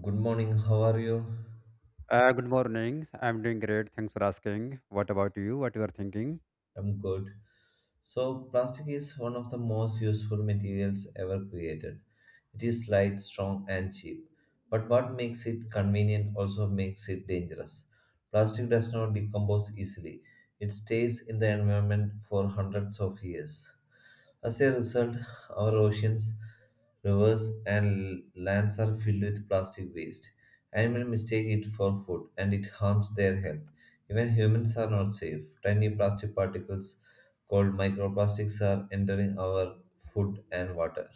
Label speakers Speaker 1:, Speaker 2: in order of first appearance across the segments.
Speaker 1: Good morning, how are you?
Speaker 2: Good morning. I'm doing great. Thanks for asking. What about you? What you are thinking?
Speaker 1: I'm good. So, plastic is one of the most useful materials ever created. It is light, strong, and cheap. But what makes it convenient also makes it dangerous. Plastic does not decompose easily, it stays in the environment for hundreds of years. As a result, our oceans, rivers, and lands are filled with plastic waste. Animals mistake it for food and it harms their health. Even humans are not safe. Tiny plastic particles called microplastics are entering our food and water.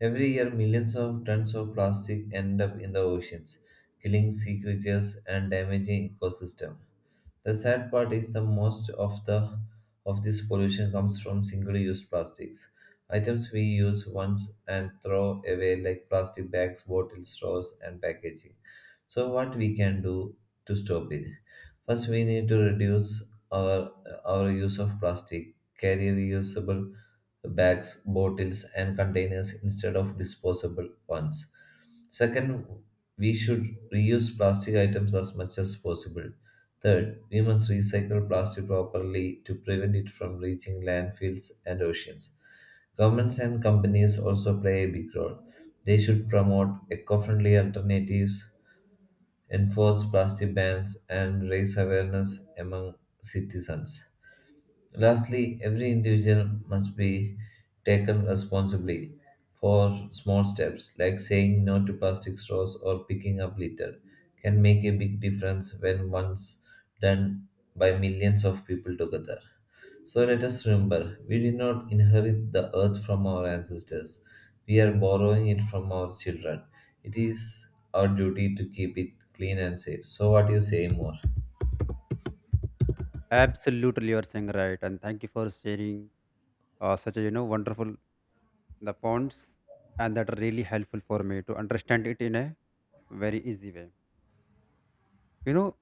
Speaker 1: Every year, millions of tons of plastic end up in the oceans, killing sea creatures and damaging ecosystem. The sad part is the most of the of this pollution comes from single-use plastics, items we use once and throw away like plastic bags, bottles, straws, and packaging. So what we can do to stop it? First, we need to reduce our our use of plastic. Carry reusable bags, bottles, and containers instead of disposable ones. Second, we should reuse plastic items as much as possible. Third, we must recycle plastic properly to prevent it from reaching landfills and oceans. Governments and companies also play a big role. They should promote eco friendly alternatives, enforce plastic bans, and raise awareness among citizens. Lastly, every individual must be taken responsibly for small steps like saying no to plastic straws or picking up litter can make a big difference when once done by millions of people together. So let us remember, we did not inherit the earth from our ancestors. We are borrowing it from our children. It is our duty to keep it clean and safe. So what do you say more?
Speaker 2: Absolutely, you are saying right. And thank you for sharing such a wonderful the points, and that are really helpful for me to understand it in a very easy way. You know,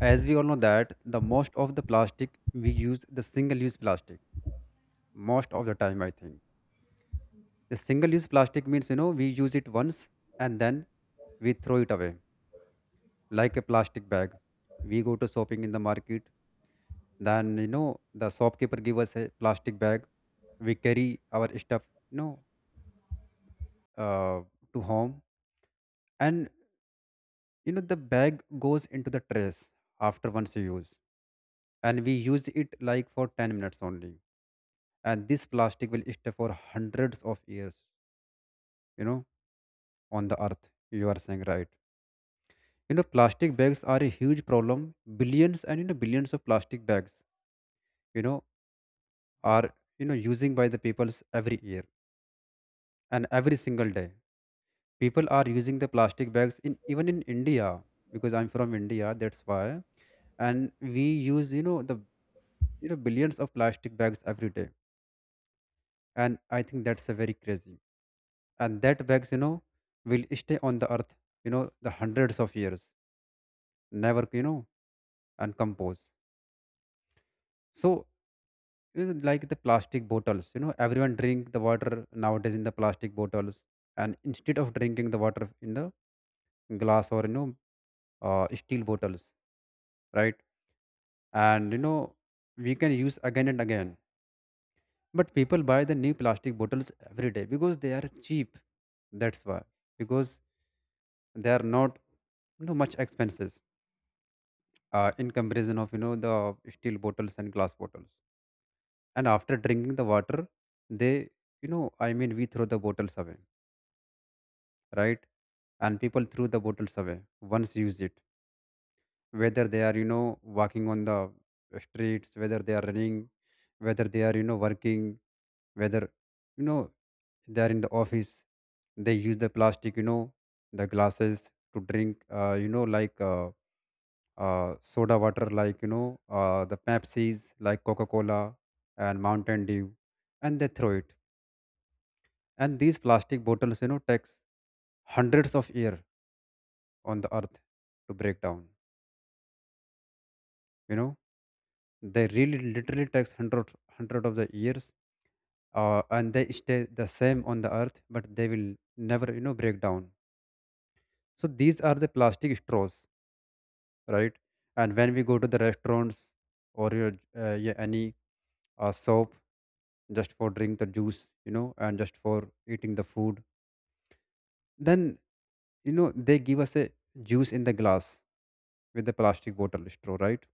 Speaker 2: as we all know that the most of the plastic we use the single-use plastic most of the time. I think the single-use plastic means we use it once and then we throw it away like a plastic bag. We go to shopping in the market, then the shopkeeper give us a plastic bag. We carry our stuff, you know, uh, to home, and the bag goes into the trash after once you use, and we use it like for 10 minutes only. And this plastic will stay for hundreds of years, you know, on the earth. You are saying right. Plastic bags are a huge problem. Billions and billions of plastic bags. You know, are using by the peoples every year and every single day. People are using the plastic bags in even in India because I'm from India, that's why, and we use the billions of plastic bags every day, and I think that's a very crazy. And that bags will stay on the earth the hundreds of years, never and compose. So is like the plastic bottles. Everyone drink the water nowadays in the plastic bottles, and instead of drinking the water in the glass or steel bottles, right. And we can use again and again, but people buy the new plastic bottles every day because they are cheap, that's why, because they are not much expenses in comparison of the steel bottles and glass bottles. And after drinking the water they, I mean, we throw the bottles away, right. And people threw the bottles away once use it, whether they are walking on the streets, whether they are running, whether they are working, whether you know they are in the office, they use the plastic the glasses to drink, like soda water, like the Pepsis, like Coca Cola and Mountain Dew, and they throw it. And these plastic bottles takes hundreds of years on the earth to break down, you know they really literally takes hundred of the years. And they stay the same on the earth, but they will never break down. So these are the plastic straws, right. And when we go to the restaurants or your yeah, any soap just for drink the juice and just for eating the food, then they give us a juice in the glass with the plastic bottle straw, right.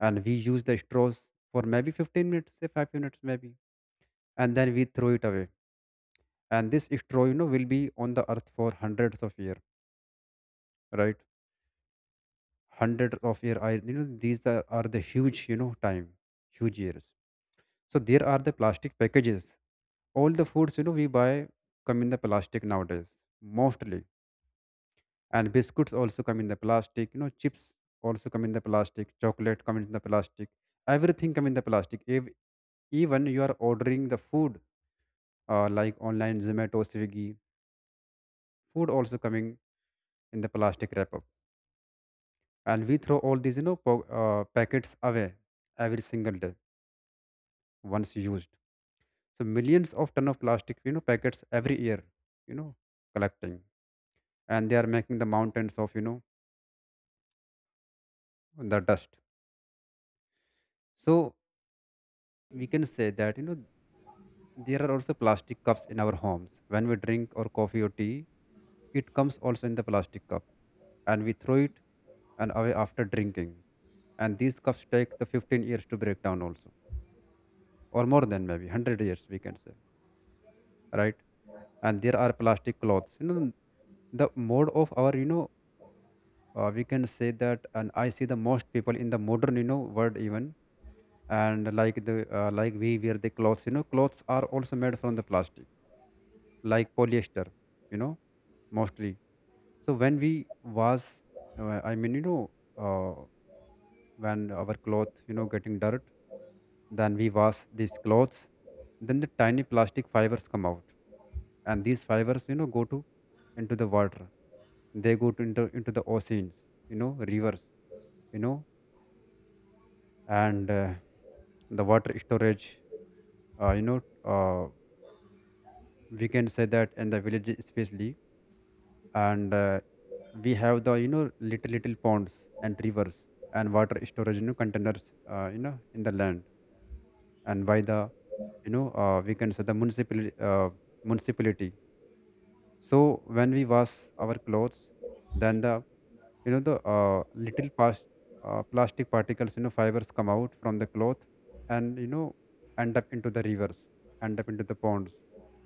Speaker 2: And we use the straws for maybe 15 minutes, say 5 minutes maybe, and then we throw it away. And this straw will be on the earth for hundreds of years, right, hundreds of years. I these are the huge time, huge years. So there are the plastic packages. All the foods we buy come in the plastic nowadays, mostly. And biscuits also come in the plastic, chips also come in the plastic, chocolate come in the plastic, everything come in the plastic. If even you are ordering the food, like online Zomato, Swiggy, food also coming in the plastic wrap up. And we throw all these packets away every single day, once used. So millions of ton of plastic packets every year, you know collecting, and they are making the mountains of the dust. So we can say that, there are also plastic cups in our homes. When we drink or coffee or tea, it comes also in the plastic cup, and we throw it and away after drinking. And these cups take the 15 years to break down also, or more than maybe 100 years, we can say, right? And there are plastic clothes. The mode of our, we can say that. And I see the most people in the modern, world even, and like the like we wear the clothes, clothes are also made from the plastic like polyester, you know, mostly. So when we wash, I mean, uh, when our cloth, getting dirt, then we wash these clothes, then the tiny plastic fibers come out, and these fibers, go to into the water. They go to into the oceans, rivers, you know, and the water storage, uh, you know, uh, we can say that in the village especially, and we have the little little ponds and rivers, and water storage containers in the land, and by the we can say the municipality. So when we wash our clothes, then the the plastic particles, fibers come out from the cloth, and end up into the rivers, end up into the ponds,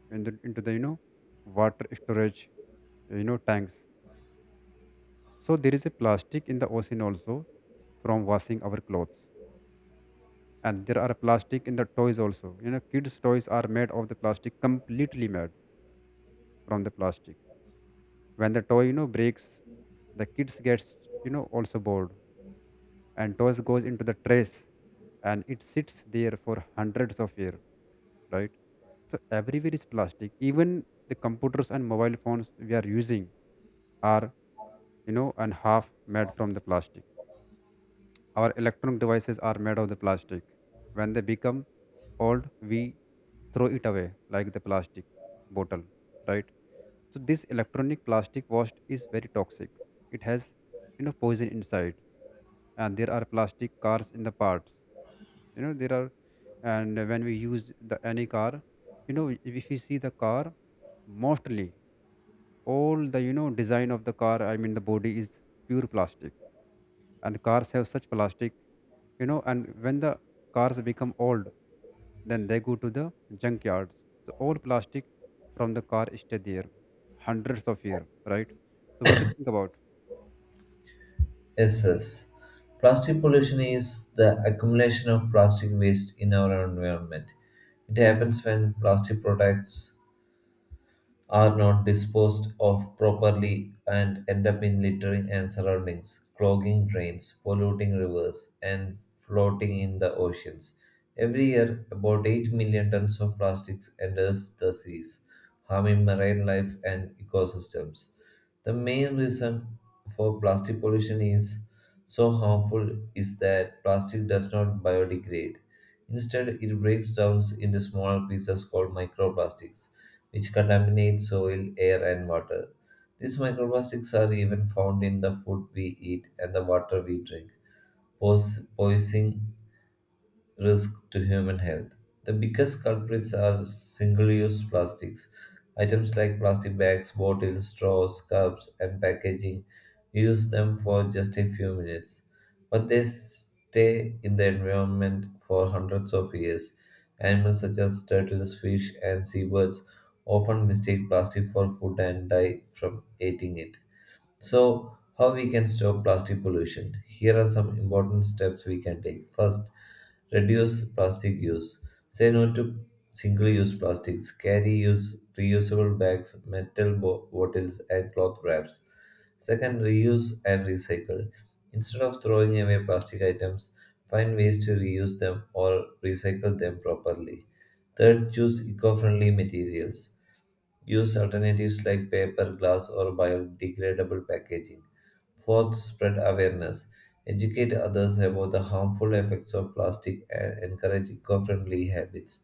Speaker 2: into the water storage tanks. So there is a plastic in the ocean also from washing our clothes. And there are plastic in the toys also. Kids' toys are made of the plastic, completely made from the plastic. When the toy, breaks, the kids gets, also bored. And toys goes into the trash and it sits there for hundreds of years, right? So everywhere is plastic. Even the computers and mobile phones we are using are, and half made from the plastic. Our electronic devices are made of the plastic. When they become old, we throw it away like the plastic bottle, right? So this electronic plastic waste is very toxic. It has poison inside, and there are plastic cars in the parts. There are, and when we use the any car, if we see the car, mostly all the design of the car, I mean the body is pure plastic, and cars have such plastic, and when the cars become old, then they go to the junkyards. So all plastic from the car stay there hundreds of years, right. So what do you think about?
Speaker 1: Yes, yes. Plastic pollution is the accumulation of plastic waste in our environment. It happens when plastic products are not disposed of properly and end up in littering and surroundings, clogging drains, polluting rivers, and floating in the oceans. Every year, about 8 million tons of plastics enters the seas, harming marine life and ecosystems. The main reason for plastic pollution is so harmful is that plastic does not biodegrade. Instead, it breaks down into smaller pieces called microplastics which contaminate soil, air, and water. These microplastics are even found in the food we eat and the water we drink, poisoning risk to human health. The biggest culprits are single use plastics. Items like plastic bags, bottles, straws, cups, and packaging use them for just a few minutes, but they stay in the environment for hundreds of years. Animals such as turtles, fish, and seabirds often mistake plastic for food and die from eating it. So, how we can stop plastic pollution? Here are some important steps we can take. First, reduce plastic use. Say no to single-use plastics. Carry use reusable bags, metal bottles, and cloth wraps. Second, reuse and recycle. Instead of throwing away plastic items, find ways to reuse them or recycle them properly. Third, choose eco-friendly materials. Use alternatives like paper, glass, or biodegradable packaging. Fourth, spread awareness. Educate others about the harmful effects of plastic and encourage eco friendly habits.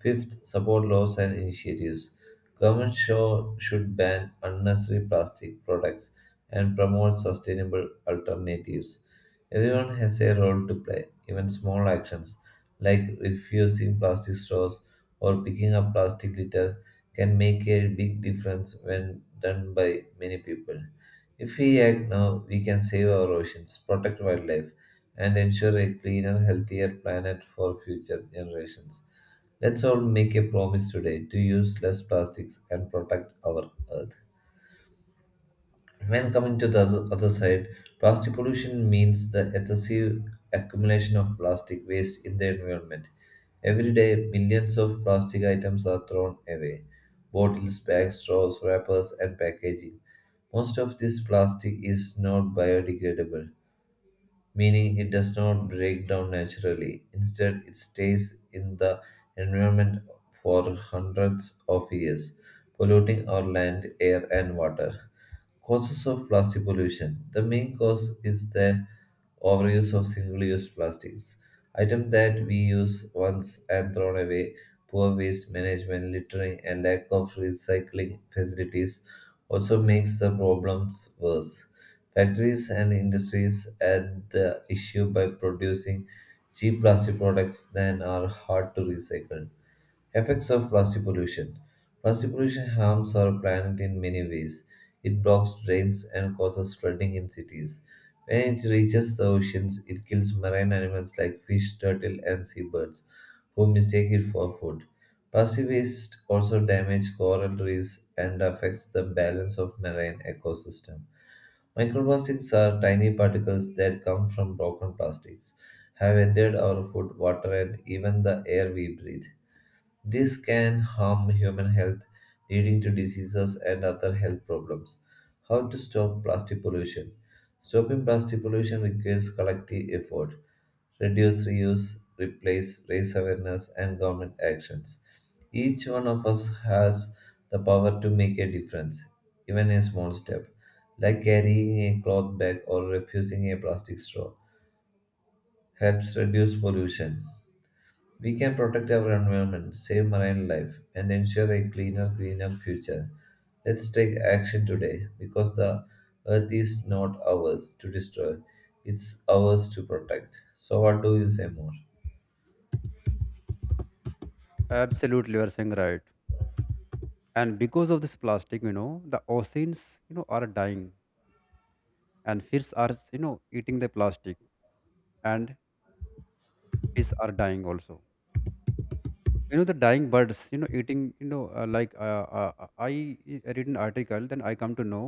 Speaker 1: Fifth, support laws and initiatives. Governments should ban unnecessary plastic products and promote sustainable alternatives. Everyone has a role to play, even small actions like refusing plastic straws or picking up plastic litter can make a big difference when done by many people. If we act now, we can save our oceans, protect wildlife, and ensure a cleaner, healthier planet for future generations. Let's all make a promise today to use less plastics and protect our Earth. When coming to the other side, plastic pollution means the excessive accumulation of plastic waste in the environment. Every day, millions of plastic items are thrown away bottles, bags, straws, wrappers, and packaging. Most of this plastic is not biodegradable, meaning it does not break down naturally. Instead, it stays in the environment for hundreds of years, polluting our land, air, and water. Causes of plastic pollution. The main cause is the overuse of single use plastics, items that we use once and thrown away, poor waste management, littering, and lack of recycling facilities also makes the problems worse. Factories and industries add the issue by producing cheap plastic products that are hard to recycle. Effects of plastic pollution. Plastic pollution harms our planet in many ways. It blocks drains and causes flooding in cities. When it reaches the oceans, it kills marine animals like fish, turtle, and seabirds, who mistake it for food. Plastic waste also damages coral reefs and affects the balance of marine ecosystem. Microplastics are tiny particles that come from broken plastics, have entered our food, water, and even the air we breathe. This can harm human health, leading to diseases and other health problems. How to stop plastic pollution? Stopping plastic pollution requires collective effort. Reduce, reuse, replace, raise awareness, and government actions. Each one of us has the power to make a difference, even a small step, like carrying a cloth bag or refusing a plastic straw, helps reduce pollution. We can protect our environment, save marine life, and ensure a cleaner, greener future. Let's take action today because the earth is not ours to destroy, it's ours to protect. So, what do you say more?
Speaker 2: Absolutely, you are saying right. And because of this plastic, the oceans are dying, and fish are eating the plastic, and fish are dying also. The dying birds eating, I read an article, then I come to know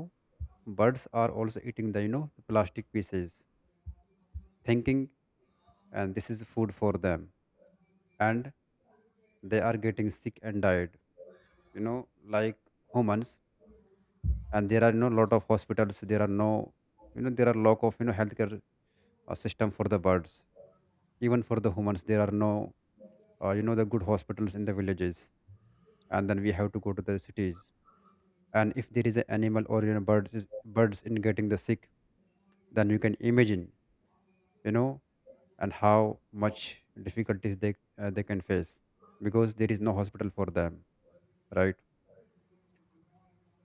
Speaker 2: birds are also eating the the plastic pieces thinking and this is food for them. And they are getting sick and died, like humans. And there are no lot of hospitals, there are no there are lack of healthcare system for the birds. Even for the humans there are no the good hospitals in the villages, and then we have to go to the cities, and if there is an animal or birds in getting the sick, then you can imagine, you know and how much difficulties they can face because there is no hospital for them, right.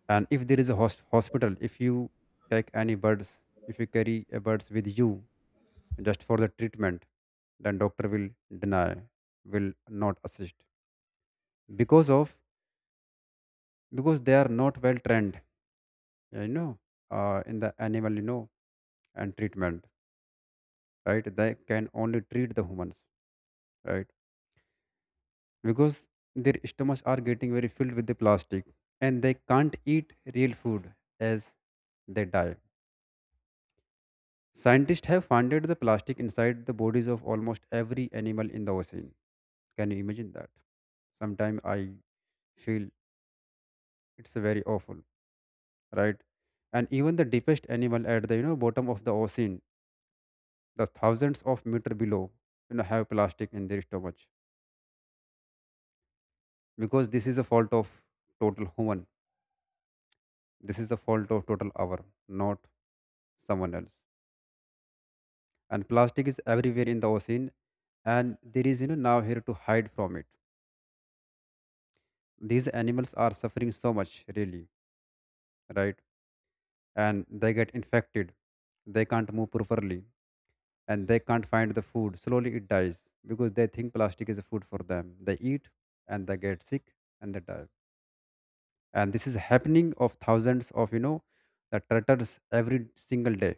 Speaker 2: And if there is a hospital, if you take any birds, if you carry a birds with you just for the treatment, then doctor will deny, will not assist, because of because they are not well trained, you know in the animal and treatment, right, they can only treat the humans, right, because their stomachs are getting very filled with the plastic and they can't eat real food as they die. Scientists have found the plastic inside the bodies of almost every animal in the ocean. Can you imagine that? Sometimes I feel it's very awful, right? And even the deepest animal at the bottom of the ocean, the thousands of meter below, have plastic in their stomach because this is a fault of total human. This is the fault of total our, not someone else. And plastic is everywhere in the ocean, and there is now here to hide from it. These animals are suffering so much, really, right? And they get infected, they can't move properly, and they can't find the food. Slowly it dies because they think plastic is a food for them, they eat and they get sick and they die. And this is happening of thousands of the turtles every single day,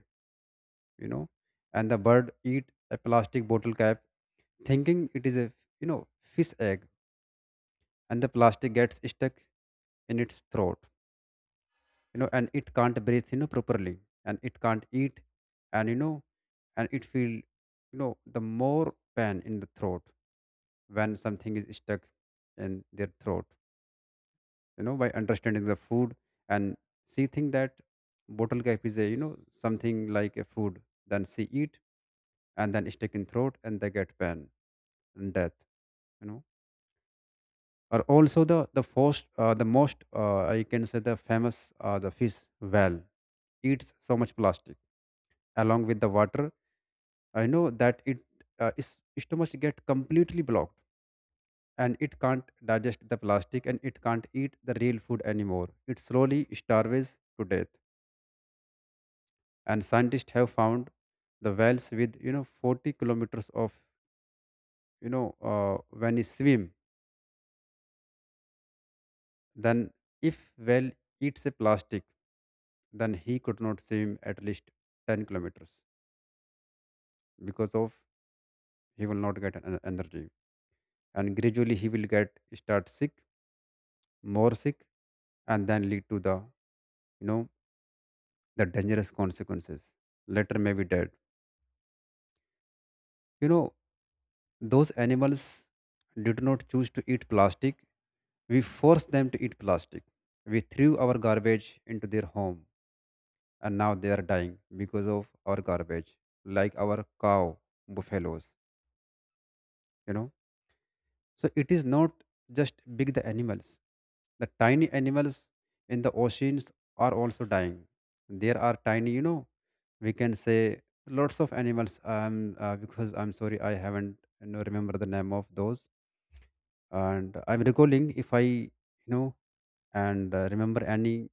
Speaker 2: you know and the bird eat a plastic bottle cap thinking it is a, you know fish egg, and the plastic gets stuck in its throat. You know and it can't breathe, properly, and it can't eat. And and it feel, the more pain in the throat when something is stuck in their throat, by understanding the food. And she think that bottle cap is a, something like a food, then she eat, and then stuck in throat and they get pain and death. you know or also the most, I can say, the famous, the fish, whale, eats so much plastic along with the water. I know that it, is stomach get completely blocked, and it can't digest the plastic and it can't eat the real food anymore. It slowly starves to death. And scientists have found the whales with 40 kilometers of, you know uh, when it swim. Then if whale eats a plastic, then he could not swim at least 10 kilometers, because of he will not get an energy, and gradually he will get start sick, more sick, and then lead to the, you know the dangerous consequences, later may be dead. you know those animals did not choose to eat plastic. We forced them to eat plastic. We threw our garbage into their home, and now they are dying because of our garbage, like our cow, buffaloes. you know So it is not just big the animals. The tiny animals in the oceans are also dying. There are tiny, we can say, lots of animals. Because I'm sorry, I haven't, remember the name of those. And I'm recalling if I, and, remember any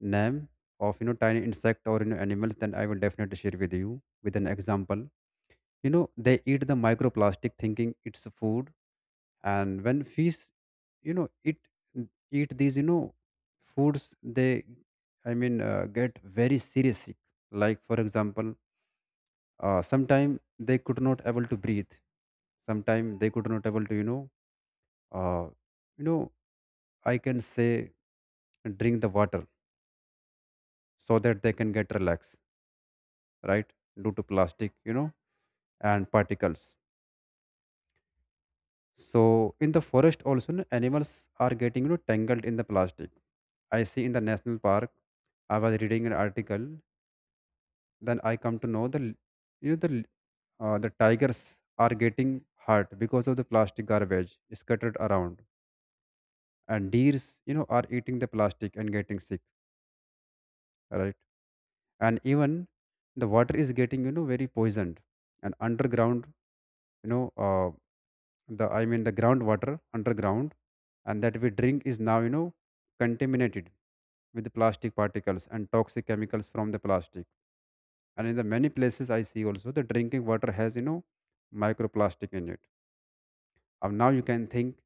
Speaker 2: name of, tiny insect or animals, then I will definitely share with you with an example. They eat the microplastic, thinking it's food. And when fish, it eat these, foods, they, get very serious sick. Like for example, sometime they could not able to breathe, sometime they could not able to uh, you know I can say drink the water so that they can get relaxed, right? Due to plastic, and particles. So in the forest also, no, animals are getting, tangled in the plastic. I see in the national park. I was reading an article. Then I come to know the l- you know the l- the tigers are getting hurt because of the plastic garbage scattered around, and deers are eating the plastic and getting sick, right? And even the water is getting very poisoned, and underground, you know uh, the, the groundwater underground, and that we drink is now contaminated with the plastic particles and toxic chemicals from the plastic. And in the many places I see also the drinking water has microplastic in it. And now you can think,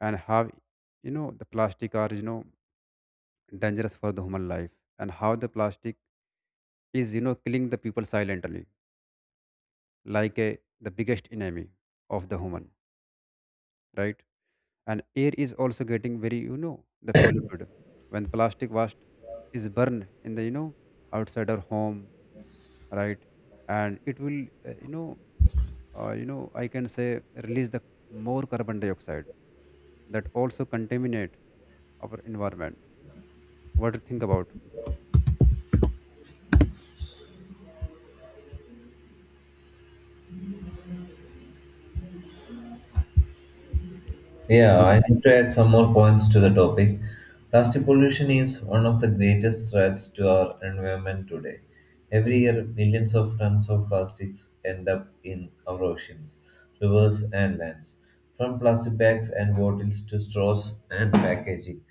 Speaker 2: and how the plastic are dangerous for the human life, and how the plastic is killing the people silently, like a, the biggest enemy of the human, right? And air is also getting very the polluted when plastic waste is burned in the, outside our home, right? And it will, uh, you know I can say release the more carbon dioxide that also contaminate our environment. What do you think about?
Speaker 1: Yeah,
Speaker 2: Would.
Speaker 1: I need to add some more points to the topic. Plastic pollution is one of the greatest threats to our environment today. Every year, millions of tons of plastics end up in our oceans, rivers, and lands. From plastic bags and bottles to straws and packaging,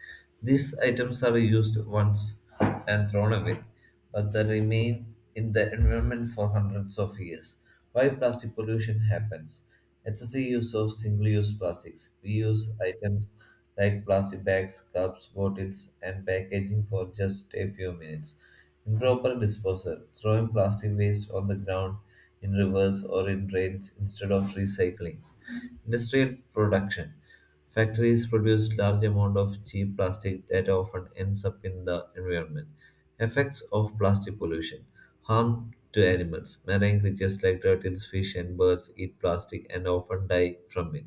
Speaker 1: these items are used once and thrown away, but they remain in the environment for hundreds of years. Why plastic pollution happens? Excessive use of single-use plastics. We use items like plastic bags, cups, bottles, and packaging for just a few minutes. Improper disposal. Throwing plastic waste on the ground, in rivers, or in drains instead of recycling. Industrial production. Factories produce large amount of cheap plastic that often ends up in the environment. Effects of plastic pollution. Harm to animals. Marine creatures like turtles, fish, and birds eat plastic and often die from it.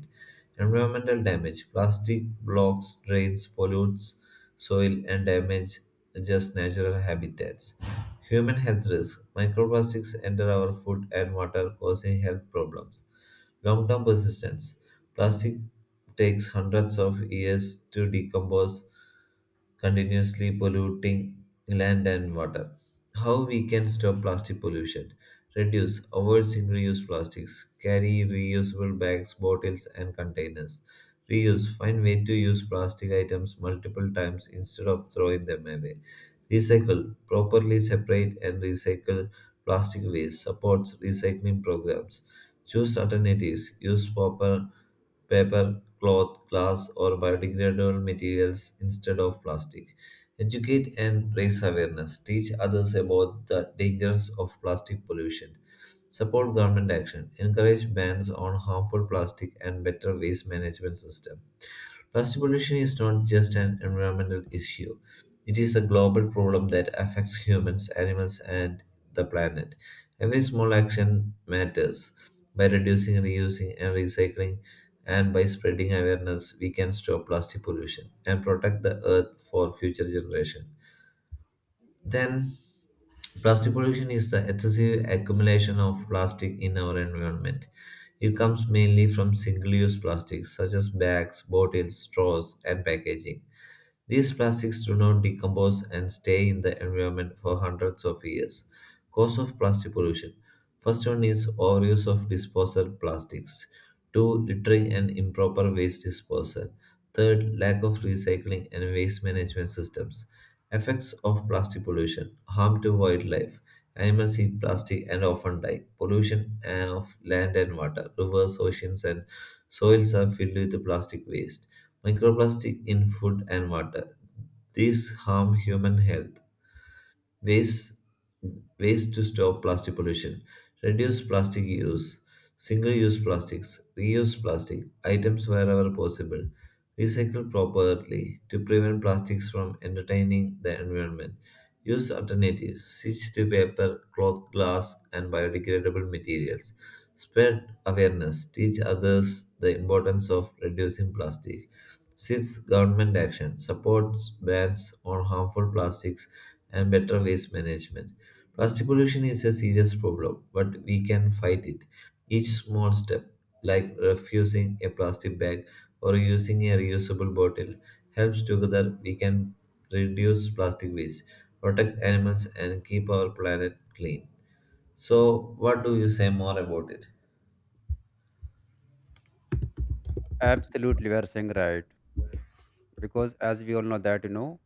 Speaker 1: Environmental damage. Plastic blocks, drains, pollutes soil, and damage just natural habitats. Human health risk. Microplastics enter our food and water, causing health problems. Long term persistence plastic takes hundreds of years to decompose, continuously polluting land and water. How we can stop plastic pollution? Reduce, avoid single use plastics, carry reusable bags, bottles, and containers. Reuse, find way to use plastic items multiple times instead of throwing them away. Recycle, properly separate and recycle plastic waste, supports recycling programs. Choose alternatives. Use proper paper, cloth, glass, or biodegradable materials instead of plastic. Educate and raise awareness. Teach others about the dangers of plastic pollution. Support government action. Encourage bans on harmful plastic and better waste management system. Plastic pollution is not just an environmental issue. It is a global problem that affects humans, animals, and the planet. Every small action matters. By reducing, reusing, and recycling, and by spreading awareness, we can stop plastic pollution and protect the earth for future generations. Then, plastic pollution is the excessive accumulation of plastic in our environment. It comes mainly from single use plastics such as bags, bottles, straws, and packaging. These plastics do not decompose and stay in the environment for hundreds of years. Cause of plastic pollution. First one is overuse of disposal plastics. Two, littering and improper waste disposal. Third, lack of recycling and waste management systems. Effects of plastic pollution. Harm to wildlife. Animals eat plastic and often die. Pollution of land and water. Rivers, oceans, and soils are filled with plastic waste microplastic in food and water. These harm human health. Ways, Ways to stop plastic pollution. Reduce plastic use. Single-use plastics. Reuse plastic items wherever possible. Recycle properly to prevent plastics from entertaining the environment. Use alternatives. Switch to paper, cloth, glass, and biodegradable materials. Spread awareness. Teach others the importance of reducing plastic 6. Government action supports bans on harmful plastics and better waste management. Plastic pollution is a serious problem, but we can fight it. Each small step, like refusing a plastic bag or using a reusable bottle, helps together we can reduce plastic waste, protect animals, and keep our planet clean. So, what do you say more about it?
Speaker 2: Absolutely, we are saying, right? Because as we all know that,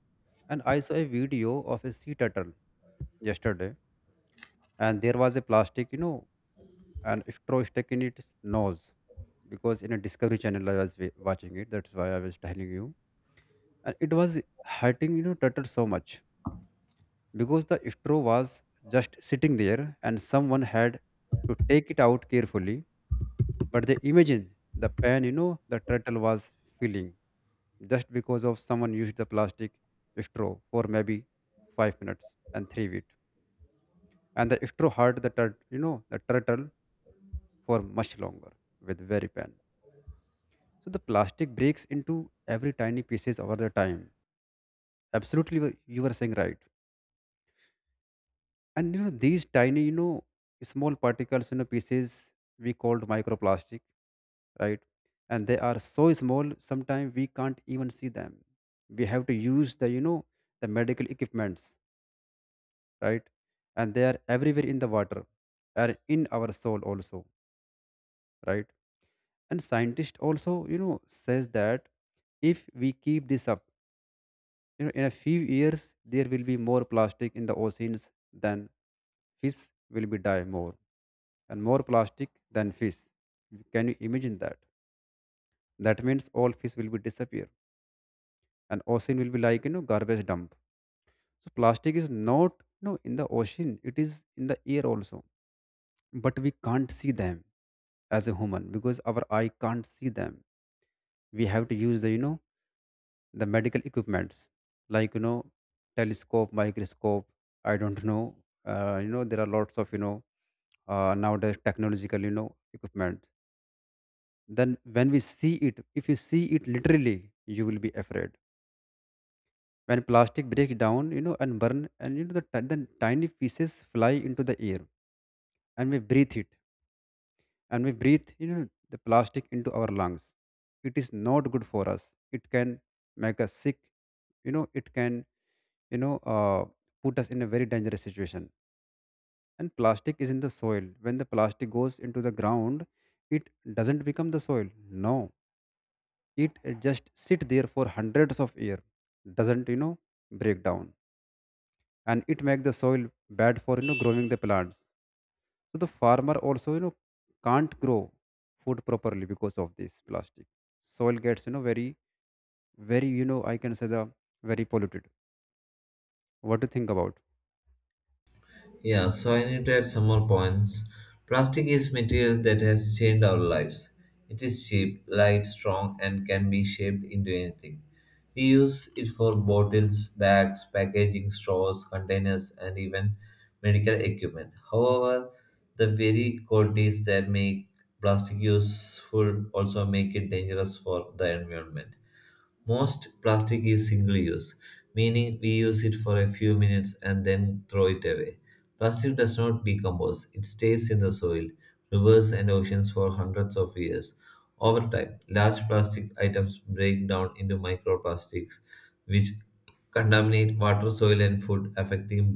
Speaker 2: and I saw a video of a sea turtle yesterday, and there was a plastic, and straw stuck in its nose. Because in a discovery channel I was watching it, that's why I was telling you. And it was hurting, turtle so much, because the straw was just sitting there, and someone had to take it out carefully. But they imagine the pain, the turtle was feeling, just because of someone used the plastic straw for maybe 5 minutes and 3 feet, and the straw hurt the turtle for much longer, with very pain. So the plastic breaks into every tiny pieces over the time. Absolutely, you were saying, right. And you know these tiny, small particles, pieces, we called microplastic, right? And they are so small, sometimes we can't even see them. We have to use the, the medical equipments, right? And they are everywhere in the water, are in our soul also, right? And scientists also, says that if we keep this up, in a few years, there will be more plastic in the oceans than fish. Will be die more, and more plastic than fish. Can you imagine that? That means all fish will be disappear, and ocean will be like, garbage dump. So plastic is not, in the ocean; it is in the air also, but we can't see them as a human because our eye can't see them. We have to use the, the medical equipments, like, telescope, microscope, I don't know, there are lots of, nowadays technological, equipment. Then when we see it, if you see it literally, you will be afraid. When plastic breaks down, and burn, and you know the, ti- the tiny pieces fly into the air, and we breathe it. And we breathe, the plastic into our lungs, it is not good for us. It can make us sick. You know it can, you know uh, put us in a very dangerous situation. And plastic is in the soil. When the plastic goes into the ground, it doesn't become the soil, no. It, just sit there for hundreds of years, doesn't, break down. And it make the soil bad for, growing the plants. So the farmer also, can't grow food properly because of this plastic. Soil gets, very very, I can say, the very polluted. What do you think about?
Speaker 1: Yeah, so I need to add some more points. Plastic is material that has changed our lives. It is cheap, light, strong, and can be shaped into anything. We use it for bottles, bags, packaging, straws, containers, and even medical equipment. However, the very qualities that make plastic useful also make it dangerous for the environment. Most plastic is single use, meaning we use it for a few minutes and then throw it away. Plastic does not decompose, it stays in the soil, rivers, and oceans for hundreds of years. Over time, large plastic items break down into microplastics, which contaminate water, soil, and food, affecting